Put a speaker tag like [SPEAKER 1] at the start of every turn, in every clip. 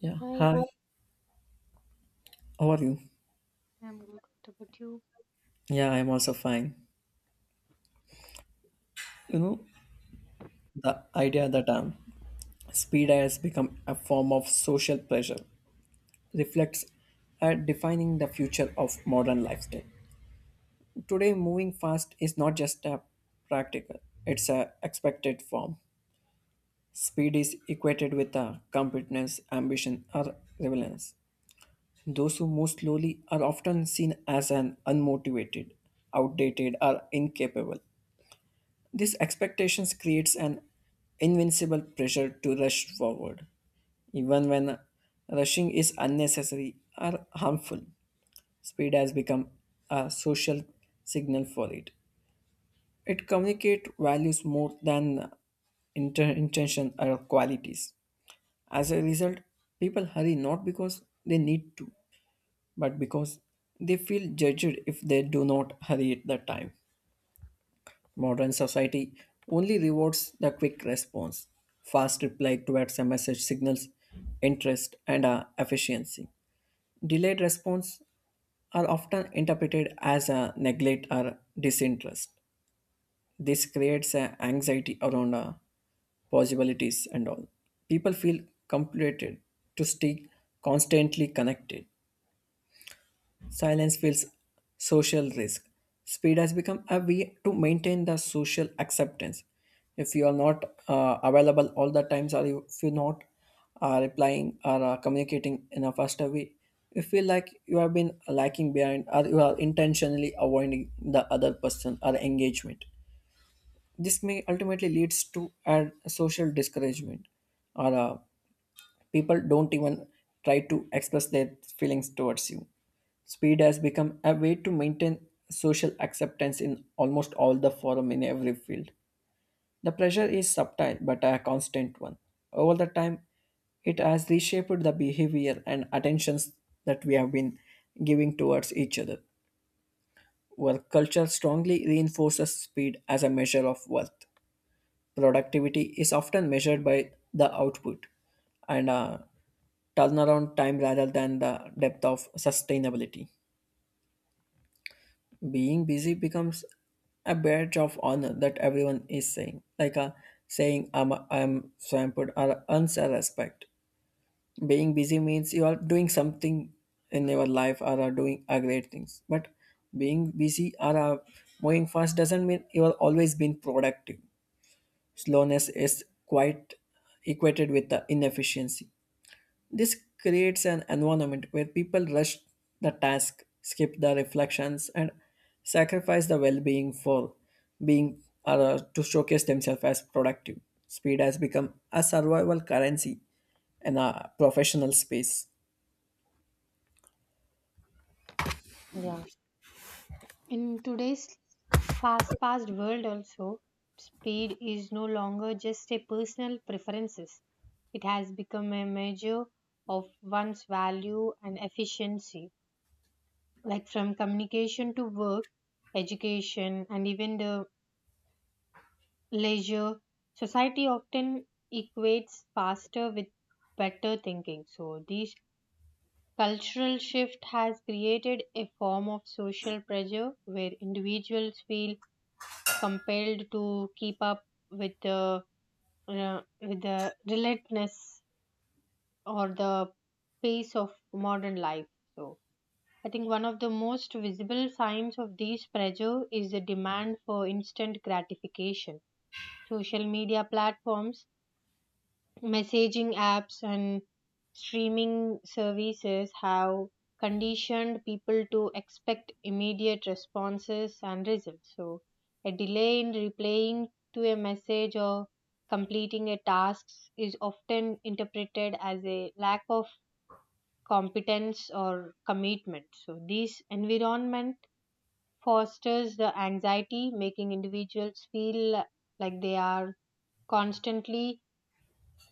[SPEAKER 1] Yeah,
[SPEAKER 2] Hi,
[SPEAKER 1] hi. How are you?
[SPEAKER 2] I'm good. What about you?
[SPEAKER 1] Yeah, I'm also fine. You know, the idea that speed has become a form of social pressure reflects at defining the future of modern lifestyle. Today, moving fast is not just a practical; it's a expected form. Speed is equated with competence, ambition, or relevance. Those who move slowly are often seen as an unmotivated, outdated, or incapable. These expectations creates an invincible pressure to rush forward, even when rushing is unnecessary or harmful. Speed has become a social signal for it. It communicates values more than intention or qualities. As a result, people hurry not because they need to, but because they feel judged if they do not hurry at the time. Modern society only rewards the quick response, fast reply to a message signals interest and efficiency. Delayed response are often interpreted as a neglect or disinterest. This creates an anxiety around possibilities and all. People feel compelled to stay constantly connected. Silence feels social risk. Speed has become a way to maintain the social acceptance. If you are not available all the times, or if you're not replying or communicating in a faster way, you feel like you have been lacking behind, or you are intentionally avoiding the other person or engagement. This may ultimately leads to a social discouragement or people don't even try to express their feelings towards you. Speed has become a way to maintain social acceptance in almost all the forum in every field. The pressure is subtle but a constant one. Over the time, it has reshaped the behavior and attentions that we have been giving towards each other. Work culture strongly reinforces speed as a measure of worth. Productivity is often measured by the output and turnaround time rather than the depth of sustainability. Being busy becomes a badge of honor that everyone is saying, like a saying I'm swamped or earns a respect. Being busy means you are doing something in your life or are doing a great things. But being busy or moving fast doesn't mean you are always being productive. Slowness is quite equated with the inefficiency. This creates an environment where people rush the task, skip the reflections, and sacrifice the well being for being or to showcase themselves as productive. Speed has become a survival currency in a professional space.
[SPEAKER 2] Yeah, in today's fast-paced world also, speed is no longer just a personal preferences. It has become a measure of one's value and efficiency, like from communication to work, education, and even the leisure. Society often equates faster with better thinking. So these cultural shift has created a form of social pressure where individuals feel compelled to keep up with the with the relentlessness or the pace of modern life. So I think one of the most visible signs of this pressure is the demand for instant gratification. Social media platforms, messaging apps and streaming services have conditioned people to expect immediate responses and results. So a delay in replying to a message or completing a task is often interpreted as a lack of competence or commitment. So this environment fosters the anxiety, making individuals feel like they are constantly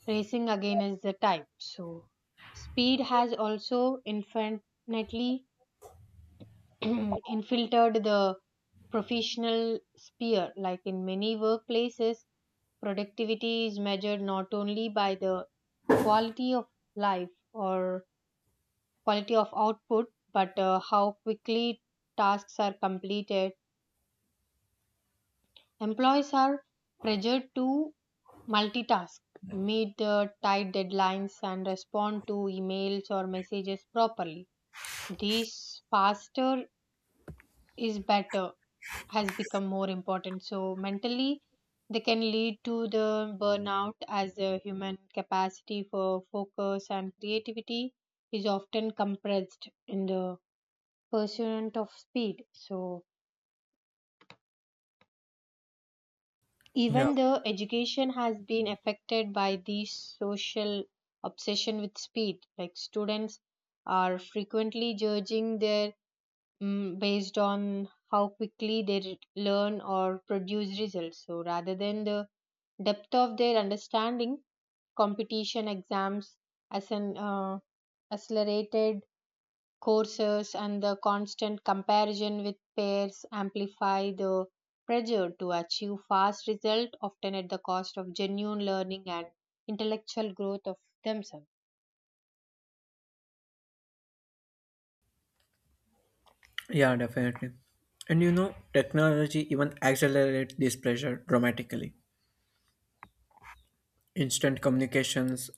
[SPEAKER 2] racing again is the type. So speed has also infinitely infiltrated the professional sphere. Like in many workplaces, productivity is measured not only by the quality of life or quality of output, but how quickly tasks are completed. Employees are pressured to multitask, meet tight deadlines, and respond to emails or messages properly. This faster is better has become more important. So, mentally, they can lead to the burnout as the human capacity for focus and creativity is often compressed in the pursuit of speed. So
[SPEAKER 1] Yeah,
[SPEAKER 2] even though education has been affected by the social obsession with speed, like students are frequently judging their based on how quickly they learn or produce results. So rather than the depth of their understanding, competition exams as an accelerated courses and the constant comparison with peers amplify the pressure to achieve fast results, often at the cost of genuine learning and intellectual growth of themselves.
[SPEAKER 1] yeah, definitely. And you know, technology even accelerates this pressure dramatically. Instant communications,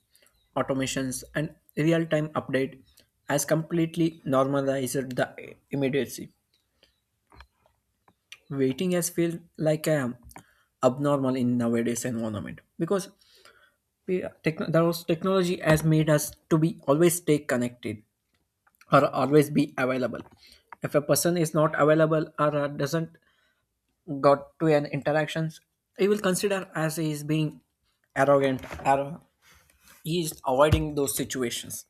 [SPEAKER 1] automations, and real time update has completely normalized the immediacy. Waiting has felt like a abnormal in nowadays environment because those technology has made us to be always stay connected or always be available. If a person is not available or doesn't got to an interactions, he will consider as he is being arrogant or he is avoiding those situations.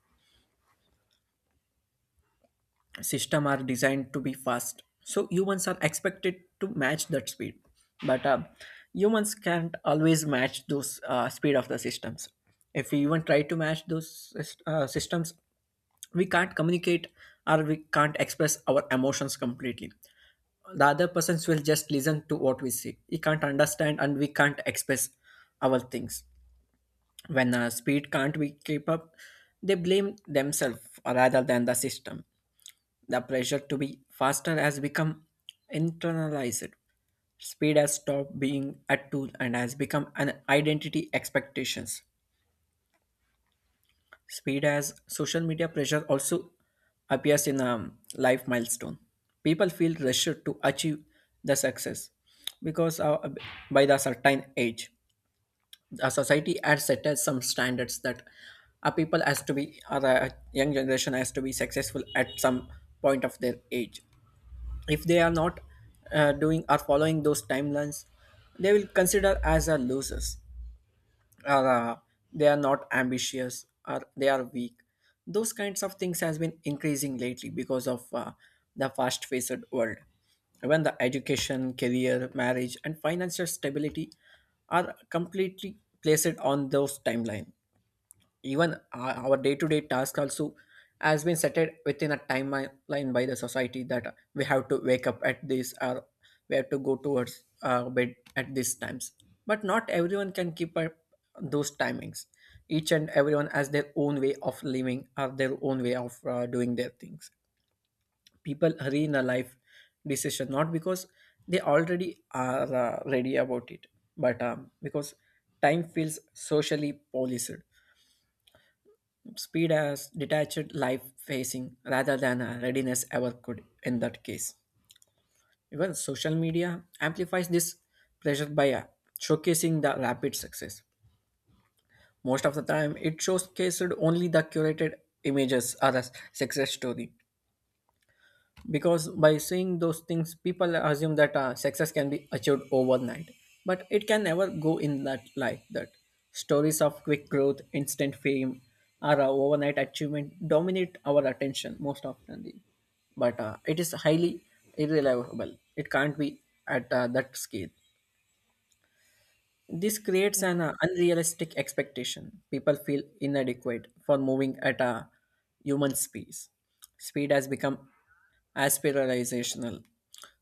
[SPEAKER 1] System are designed to be fast, so humans are expected to match that speed, but humans can't always match those speed of the systems. If we even try to match those systems, we can't communicate or we can't express our emotions completely. The other persons will just listen to what we say, he can't understand and we can't express our things. When speed can't we keep up, they blame themselves rather than the system. The pressure to be faster has become internalized. Speed has stopped being a tool and has become an identity expectations. Speed as social media pressure also appears in a life milestone. People feel pressured to achieve the success because by the certain age, the society has set us some standards that a people has to be or a young generation has to be successful at some point of their age. If they are not doing or following those timelines, they will consider as a losers or they are not ambitious or they are weak. Those kinds of things has been increasing lately because of the fast faced world. When the education career marriage and financial stability are completely placed on those timeline, even our day-to-day task also has been set within a timeline by the society, that we have to wake up at this or we have to go towards bed at these times. But not everyone can keep up those timings. Each and everyone has their own way of living or their own way of doing their things. People hurry in a life decision not because they already are ready about it, but because time feels socially policed. Speed as detached life facing rather than a readiness ever could in that case. Even social media amplifies this pressure by showcasing the rapid success. Most of the time, it showcased only the curated images or a success story, because by saying those things people assume that success can be achieved overnight, but it can never go in that like that. Stories of quick growth instant fame or overnight achievement dominate our attention most often, but it is highly irreliable, it can't be at that scale. This creates an
[SPEAKER 2] yeah
[SPEAKER 1] unrealistic expectation. People feel inadequate for moving at a human speed. Speed has become aspirational.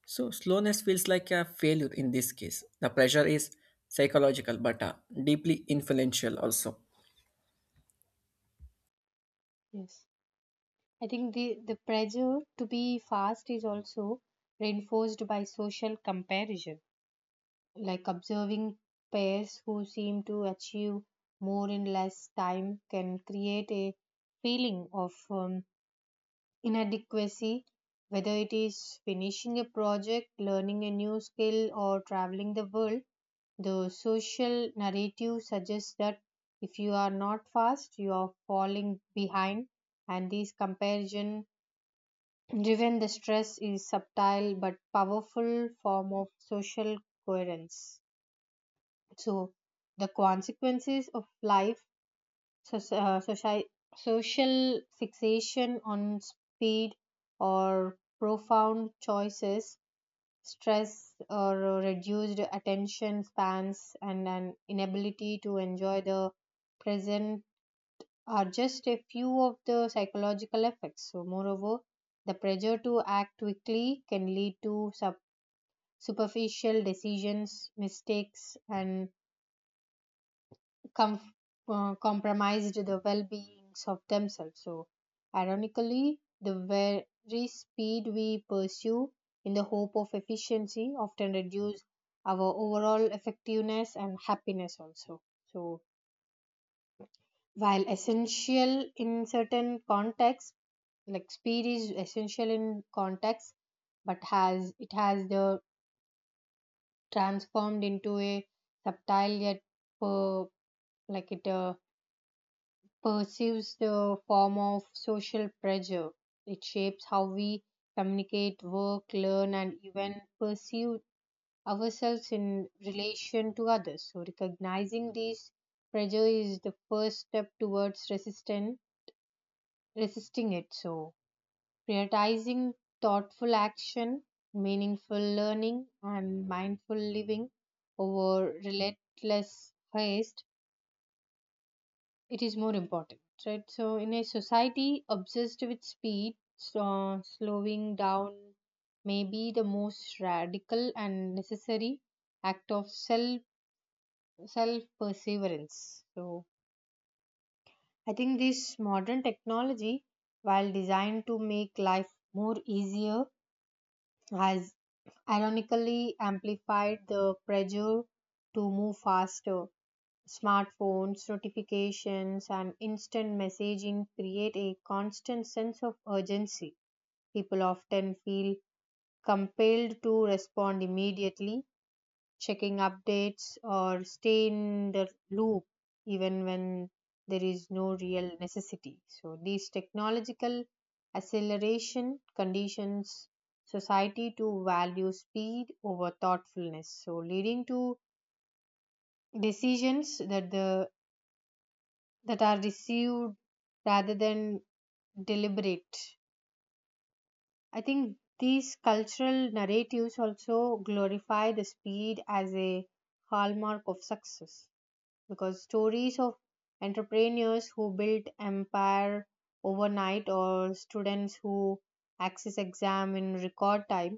[SPEAKER 1] So slowness feels like a failure in this case. The pressure is psychological but deeply influential also.
[SPEAKER 2] yes I think the pressure to be fast is also reinforced by social comparison, like observing peers who seem to achieve more in less time can create a feeling of inadequacy, whether it is finishing a project, learning a new skill, or traveling the world, the social narrative suggests that if you are not fast, you are falling behind, and this comparison driven the stress is subtle but powerful form of social coherence. So the consequences of life, so social fixation on speed or profound choices, stress or reduced attention spans, and an inability to enjoy the present are just a few of the psychological effects. So, moreover, the pressure to act quickly can lead to superficial decisions, mistakes, and com- compromised the well beings of themselves. So, ironically, the very speed we pursue in the hope of efficiency often reduce our overall effectiveness and happiness also. So, while essential in certain contexts, like speed is essential in contexts, but has it has the transformed into a subtle yet per, like it perceives the form of social pressure. It shapes how we communicate, work, learn, and even perceive ourselves in relation to others. So, recognizing these pressure is the first step towards resisting it. So prioritizing thoughtful action, meaningful learning, and mindful living over relentless haste, it is more important, right? So in a society obsessed with speed, so slowing down may be the most radical and necessary act of self perseverance. So I think this modern technology, while designed to make life more easier, has ironically amplified the pressure to move faster. Smartphones, notifications, and instant messaging create a constant sense of urgency. People often feel compelled to respond immediately, checking updates, or stay in the loop even when there is no real necessity. So these technological acceleration conditions society to value speed over thoughtfulness, so leading to decisions that the that are received rather than deliberate. I think these cultural narratives also glorify the speed as a hallmark of success, because stories of entrepreneurs who built empire overnight or students who access exam in record time,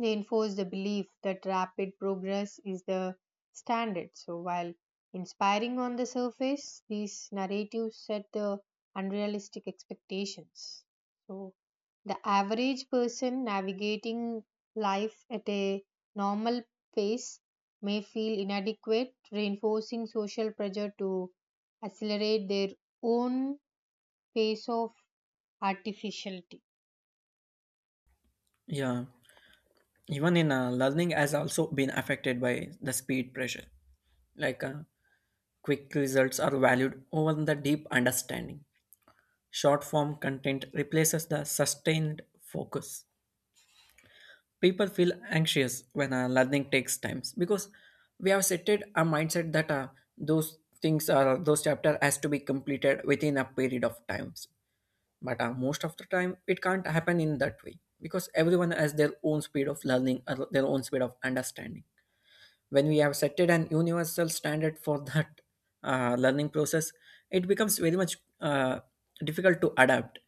[SPEAKER 2] they enforce the belief that rapid progress is the standard. So, while inspiring on the surface, these narratives set the unrealistic expectations. So the average person navigating life at a normal pace may feel inadequate, reinforcing social pressure to accelerate their own pace of artificiality.
[SPEAKER 1] Yeah, even in learning has also been affected by the speed pressure. Like quick results are valued over the deep understanding. Short form content replaces the sustained focus. People feel anxious when learning takes time because we have setted a mindset that those things or those chapter has to be completed within a period of times. But most of the time, it can't happen in that way because everyone has their own speed of learning or their own speed of understanding. When we have set it an universal standard for that learning process, it becomes very much difficult to adapt.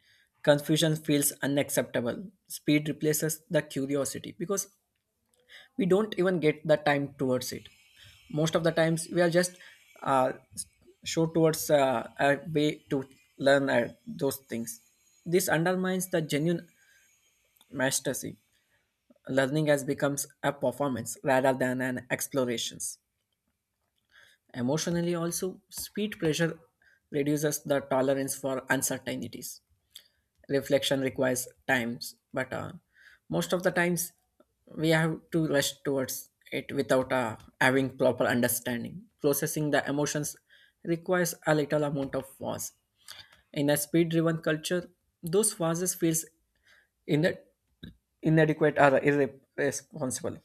[SPEAKER 1] Confusion feels unacceptable. Speed replaces the curiosity because we don't even get the time towards it. Most of the times we are just uh, show towards a way to learn those things. This undermines the genuine mastery. Learning has becomes a performance rather than an explorations. Emotionally, also, speed pressure reduces the tolerance for uncertainties. Reflection requires times, but most of the times we have to rush towards it without having proper understanding. Processing the emotions requires a little amount of pause. In a speed-driven culture, those pauses feels in inadequate or irresponsible.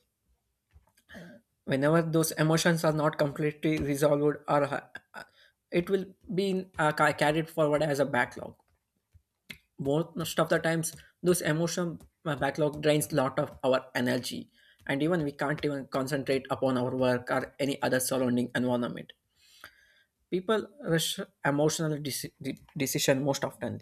[SPEAKER 1] Whenever those emotions are not completely resolved or it will be carried forward as a backlog. Most of the times those emotion backlog drains lot of our energy, and even we can't even concentrate upon our work or any other surrounding environment. People rush emotional decision most often.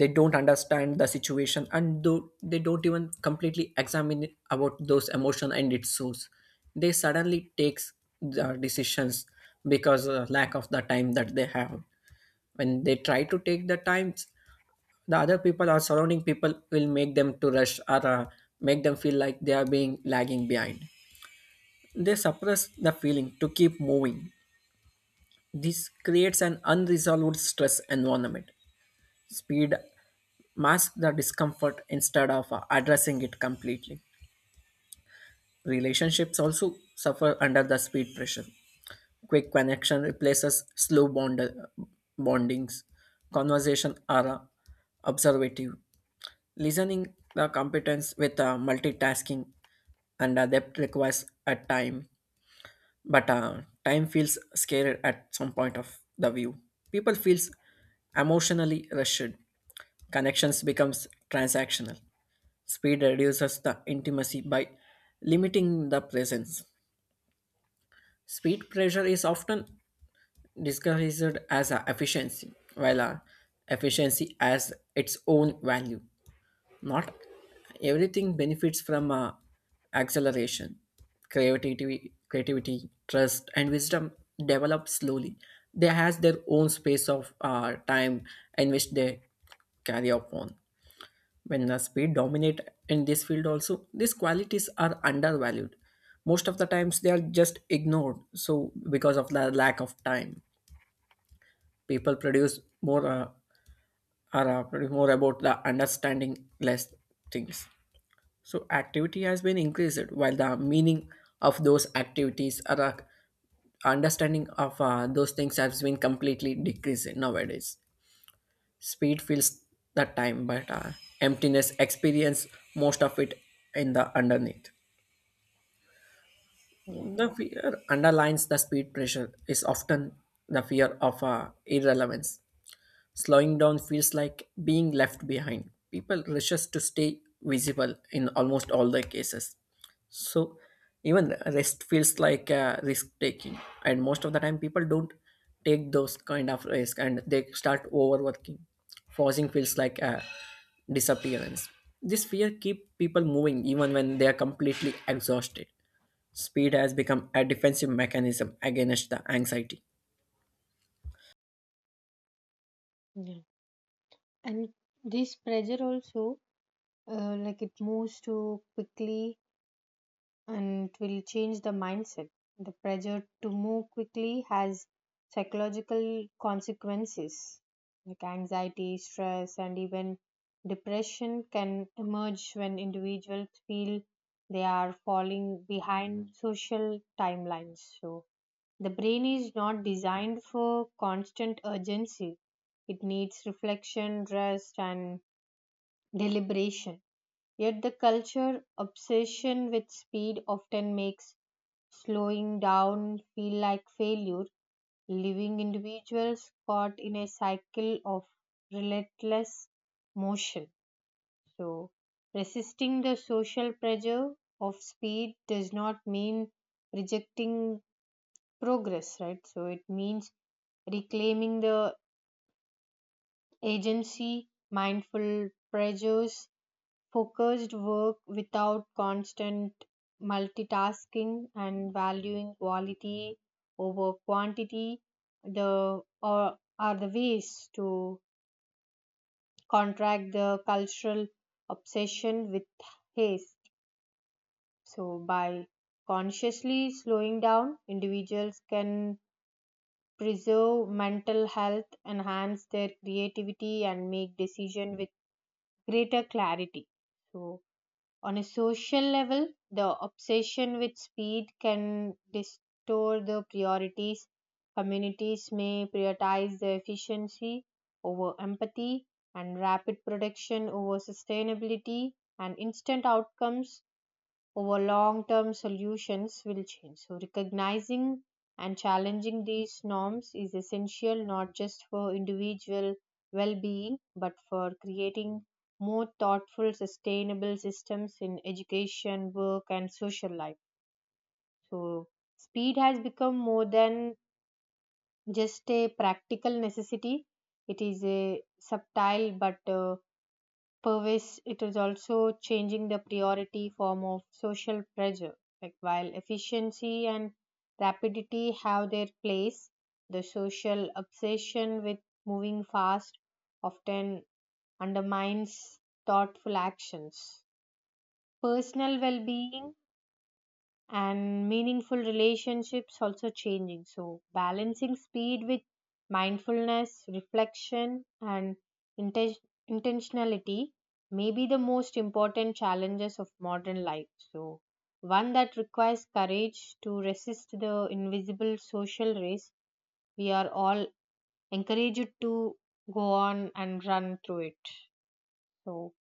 [SPEAKER 1] They don't understand the situation and do, they don't even completely examine it about those emotion and its source. They suddenly takes the decisions because of lack of the time that they have. When they try to take the times, the other people or surrounding people will make them to rush or make them feel like they are being lagging behind. They suppress the feeling to keep moving. This creates an unresolved stress environment. Speed masks the discomfort instead of addressing it completely. Relationships also suffer under the speed pressure. Quick connection replaces bondings. Conversation are observative. Listening the competence with multitasking and adept requires a time, but time feels scared at some point of the view. People feels emotionally rushed. Connections becomes transactional. Speed reduces the intimacy by limiting the presence. Speed pressure is often disguised as a efficiency, while a efficiency has its own value. Not everything benefits from acceleration. Creativity, trust, and wisdom develop slowly. They has their own space of time in which they carry upon. When the speed dominate in this field, also these qualities are undervalued. Most of the times they are just ignored. So because of the lack of time, people produce more are produce more about the understanding less things. So activity has been increased while the meaning of those activities are understanding of those things has been completely decreased nowadays. Speed fills the time, but emptiness experience most of it in the underneath.
[SPEAKER 2] yeah
[SPEAKER 1] The fear underlines the speed pressure is often the fear of irrelevance. Slowing down feels like being left behind. People rushes to stay visible in almost all the cases. So even rest feels like risk taking, and most of the time people don't take those kind of risk, and they start overworking. Forcing feels like a disappearance. This fear keeps people moving even when they are completely exhausted. Speed has become a defensive mechanism against the anxiety.
[SPEAKER 2] yeah, and this pressure also, like it moves too quickly and it will change the mindset. The pressure to move quickly has psychological consequences like anxiety, stress, and even depression can emerge when individuals feel they are falling behind social timelines. So the brain is not designed for constant urgency, it needs reflection, rest, and deliberation. Yet the culture obsession with speed often makes slowing down feel like failure, leaving individuals caught in a cycle of relentless motion. So resisting the social pressure of speed does not mean rejecting progress, right? So it means reclaiming the agency, mindful pressures, focused work without constant multitasking, and valuing quality over quantity, the or are the ways to contract the cultural obsession with haste. So by consciously slowing down, individuals can preserve mental health, enhance their creativity and make decision with greater clarity. So on a social level, the obsession with speed can distort the priorities. Communities may prioritize the efficiency over empathy, and rapid production over sustainability, and instant outcomes over long term solutions will change. So recognizing and challenging these norms is essential not just for individual well being but for creating more thoughtful, sustainable systems in education, work, and social life. So speed has become more than just a practical necessity, it is a subtle but pervasive, it is also changing the priority form of social pressure, like while efficiency and rapidity have their place, the social obsession with moving fast often undermines thoughtful actions, personal well-being, and meaningful relationships also changing. So balancing speed with mindfulness, reflection, and inten- intentionality may be the most important challenges of modern life, so one that requires courage to resist the invisible social race we are all encouraged to go on and run through it. So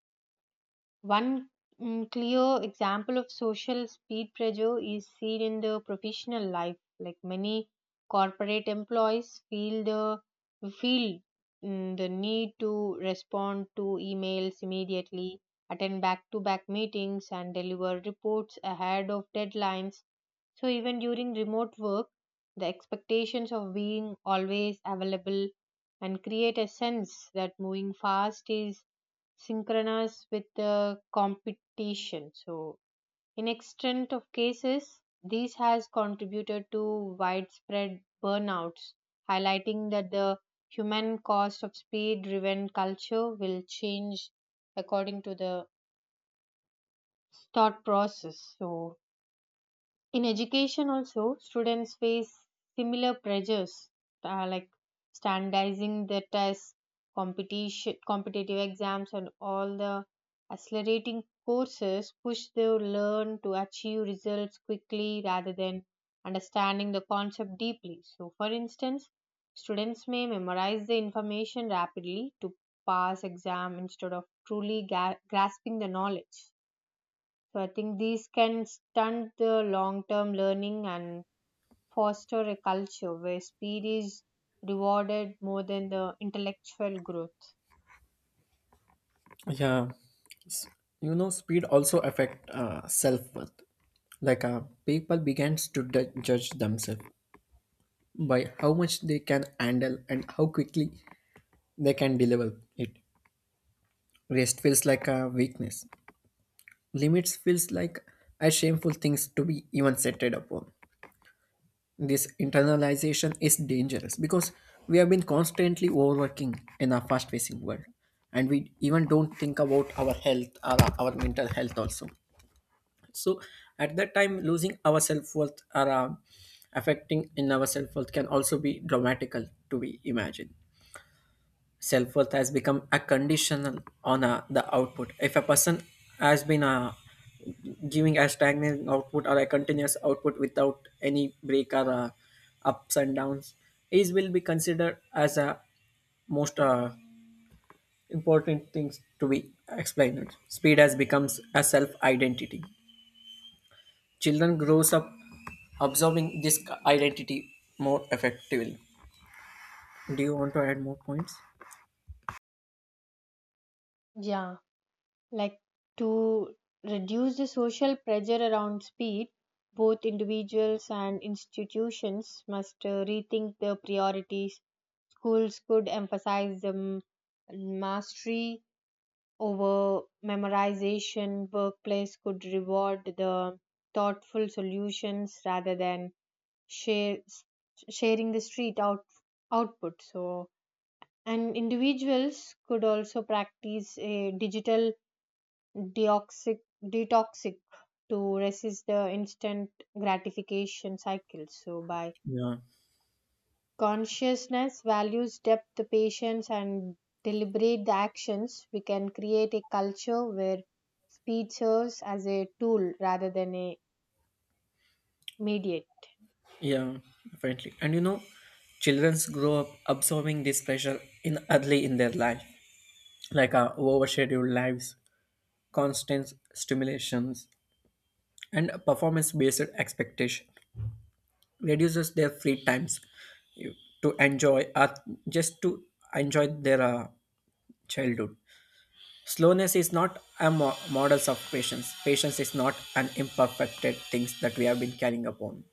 [SPEAKER 2] one clear example of social speed pressure is seen in the professional life. Like many corporate employees feel the need to respond to emails immediately, attend back-to-back meetings, and deliver reports ahead of deadlines. So even during remote work, the expectations of being always available and create a sense that moving fast is synchronous with the competition. So, in extent of cases, this has contributed to widespread burnouts, highlighting that the human cost of speed-driven culture will change according to the thought process. So in education also, students face similar pressures, like standardizing their tests, competition, competitive exams and all the accelerating courses push their learn to achieve results quickly rather than understanding the concept deeply. So for instance, students may memorize the information rapidly to pass exam instead of truly grasping the knowledge. So I think these can stunt the long term learning and foster a culture where speed is rewarded more than the intellectual growth.
[SPEAKER 1] Yeah, you know speed also affect self-worth like uh, people begins to judge themselves by how much they can handle and how quickly they can deliver it. Rest feels like a weakness, limits feels like a shameful things to be even set it upon. This internalization is dangerous because we have been constantly overworking in our fast-facing world, and we even don't think about our health or our mental health also. So at that time, losing our self worth or affecting in our self worth can also be dramatical to be imagined. Self worth has become a conditional on the output. If a person has been giving a stagnant output or a continuous output without any break or ups and downs, is will be considered as a most important things to be explained. Speed has becomes a self identity. Children grows up absorbing this identity more effectively. Do you want to add more points?
[SPEAKER 2] Yeah, like to reduce the social pressure around speed, both individuals and institutions must rethink their priorities. Schools could emphasize the mastery over memorization, workplace could reward the thoughtful solutions rather than share, sharing the street out, output. So, and individuals could also practice a digital deoxic, detoxic to resist the instant gratification cycle. So by
[SPEAKER 1] Yeah,
[SPEAKER 2] consciousness values depth, patience, and deliberate actions, we can create a culture where speed serves as a tool rather than a mediate.
[SPEAKER 1] yeah, definitely. And you know, childrens grow up absorbing this pressure in early in their life, overscheduled lives, constant stimulations, and performance-based expectation reduces their free times you- to enjoy, just to enjoy their childhood. Slowness is not a models of patience. Patience is not an imperfected things that we have been carrying upon.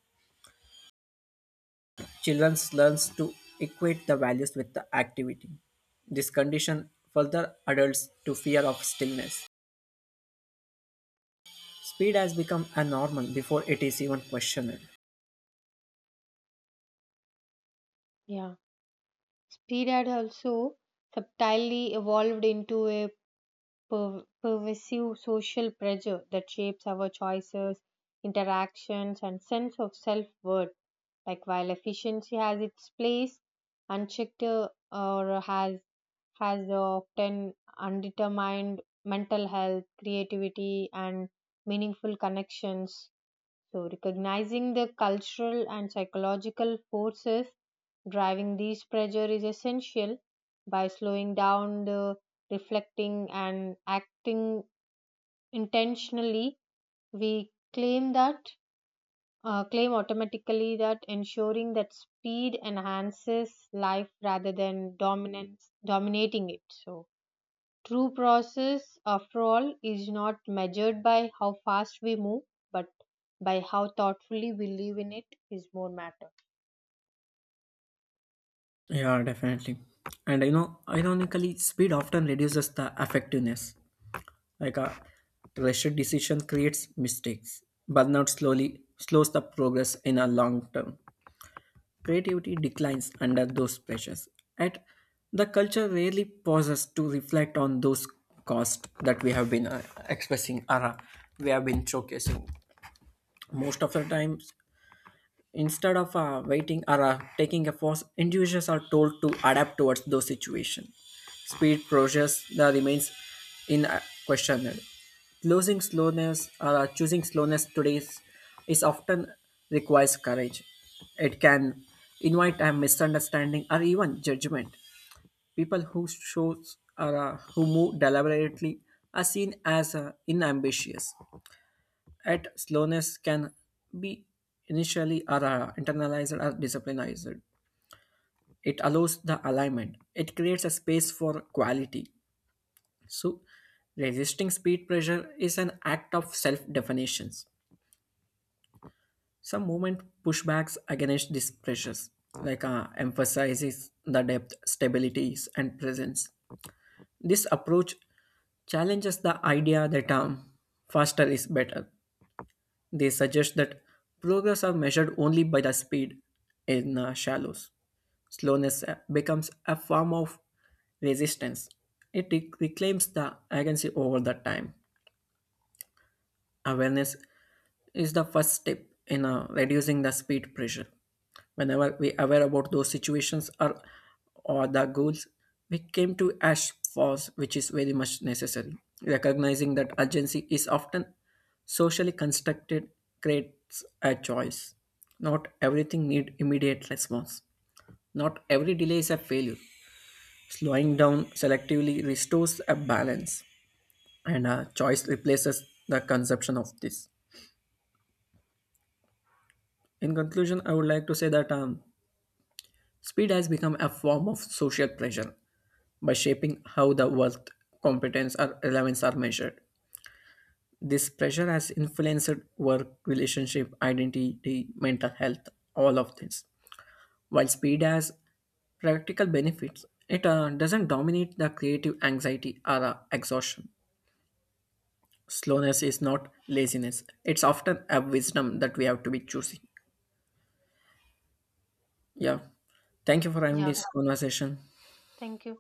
[SPEAKER 1] Children learns to equate the values with the activity. This condition further adults to fear of stillness. Speed has become a normal before it is even questioned.
[SPEAKER 2] Yeah. Speed had also subtly evolved into a pervasive social pressure that shapes our choices, interactions, and sense of self worth. Like while efficiency has its place, unchecked or has often undetermined mental health, creativity, and meaningful connections. So recognizing the cultural and psychological forces driving these pressure is essential. By slowing down, the reflecting and acting intentionally, we claim that, claim automatically that ensuring that speed enhances life rather than dominance dominating it. So true process, after all, is not measured by how fast we move, but by how thoughtfully we live in it is more matter.
[SPEAKER 1] Yeah, definitely. And you know, ironically, speed often reduces the effectiveness. Like a rushed decision creates mistakes. Burnout slowly slows the progress in a long term. Creativity declines under those pressures. And the culture rarely pauses to reflect on those costs that we have been expressing or we have been showcasing. Most of the times, instead of waiting or taking a pause, individuals are told to adapt towards those situations. Speed process that remains in questioned. Losing slowness or choosing slowness today is often requires courage. It can invite a misunderstanding or even judgment. People who shows or who move deliberately are seen as inambitious. At slowness can be initially or internalized or disciplinized. It allows the alignment. It creates a space for quality. So resisting speed pressure is an act of self-definitions. Some movement pushbacks against these pressures, emphasizes the depth, stabilities, and presence. This approach challenges the idea that faster is better. They suggest that progress are measured only by the speed in shallows. Slowness becomes a form of resistance. It reclaims the agency over the time. Awareness is the first step in reducing the speed pressure. Whenever we aware about those situations or the goals, we came to ash force, which is very much necessary. Recognizing that urgency is often socially constructed creates a choice. Not everything need immediate response. Not every delay is a failure. Slowing down selectively restores a balance, and a choice replaces the conception of this. In conclusion, I would like to say that speed has become a form of social pressure by shaping how the worth, competence, or relevance are measured. This pressure has influenced work, relationship, identity, mental health, all of this. While speed has practical benefits, it doesn't dominate the creative anxiety or exhaustion. Slowness is not laziness, it's often a wisdom that we have to be choosing. Yeah. Thank you for having
[SPEAKER 2] Yeah,
[SPEAKER 1] this conversation.
[SPEAKER 2] thank you.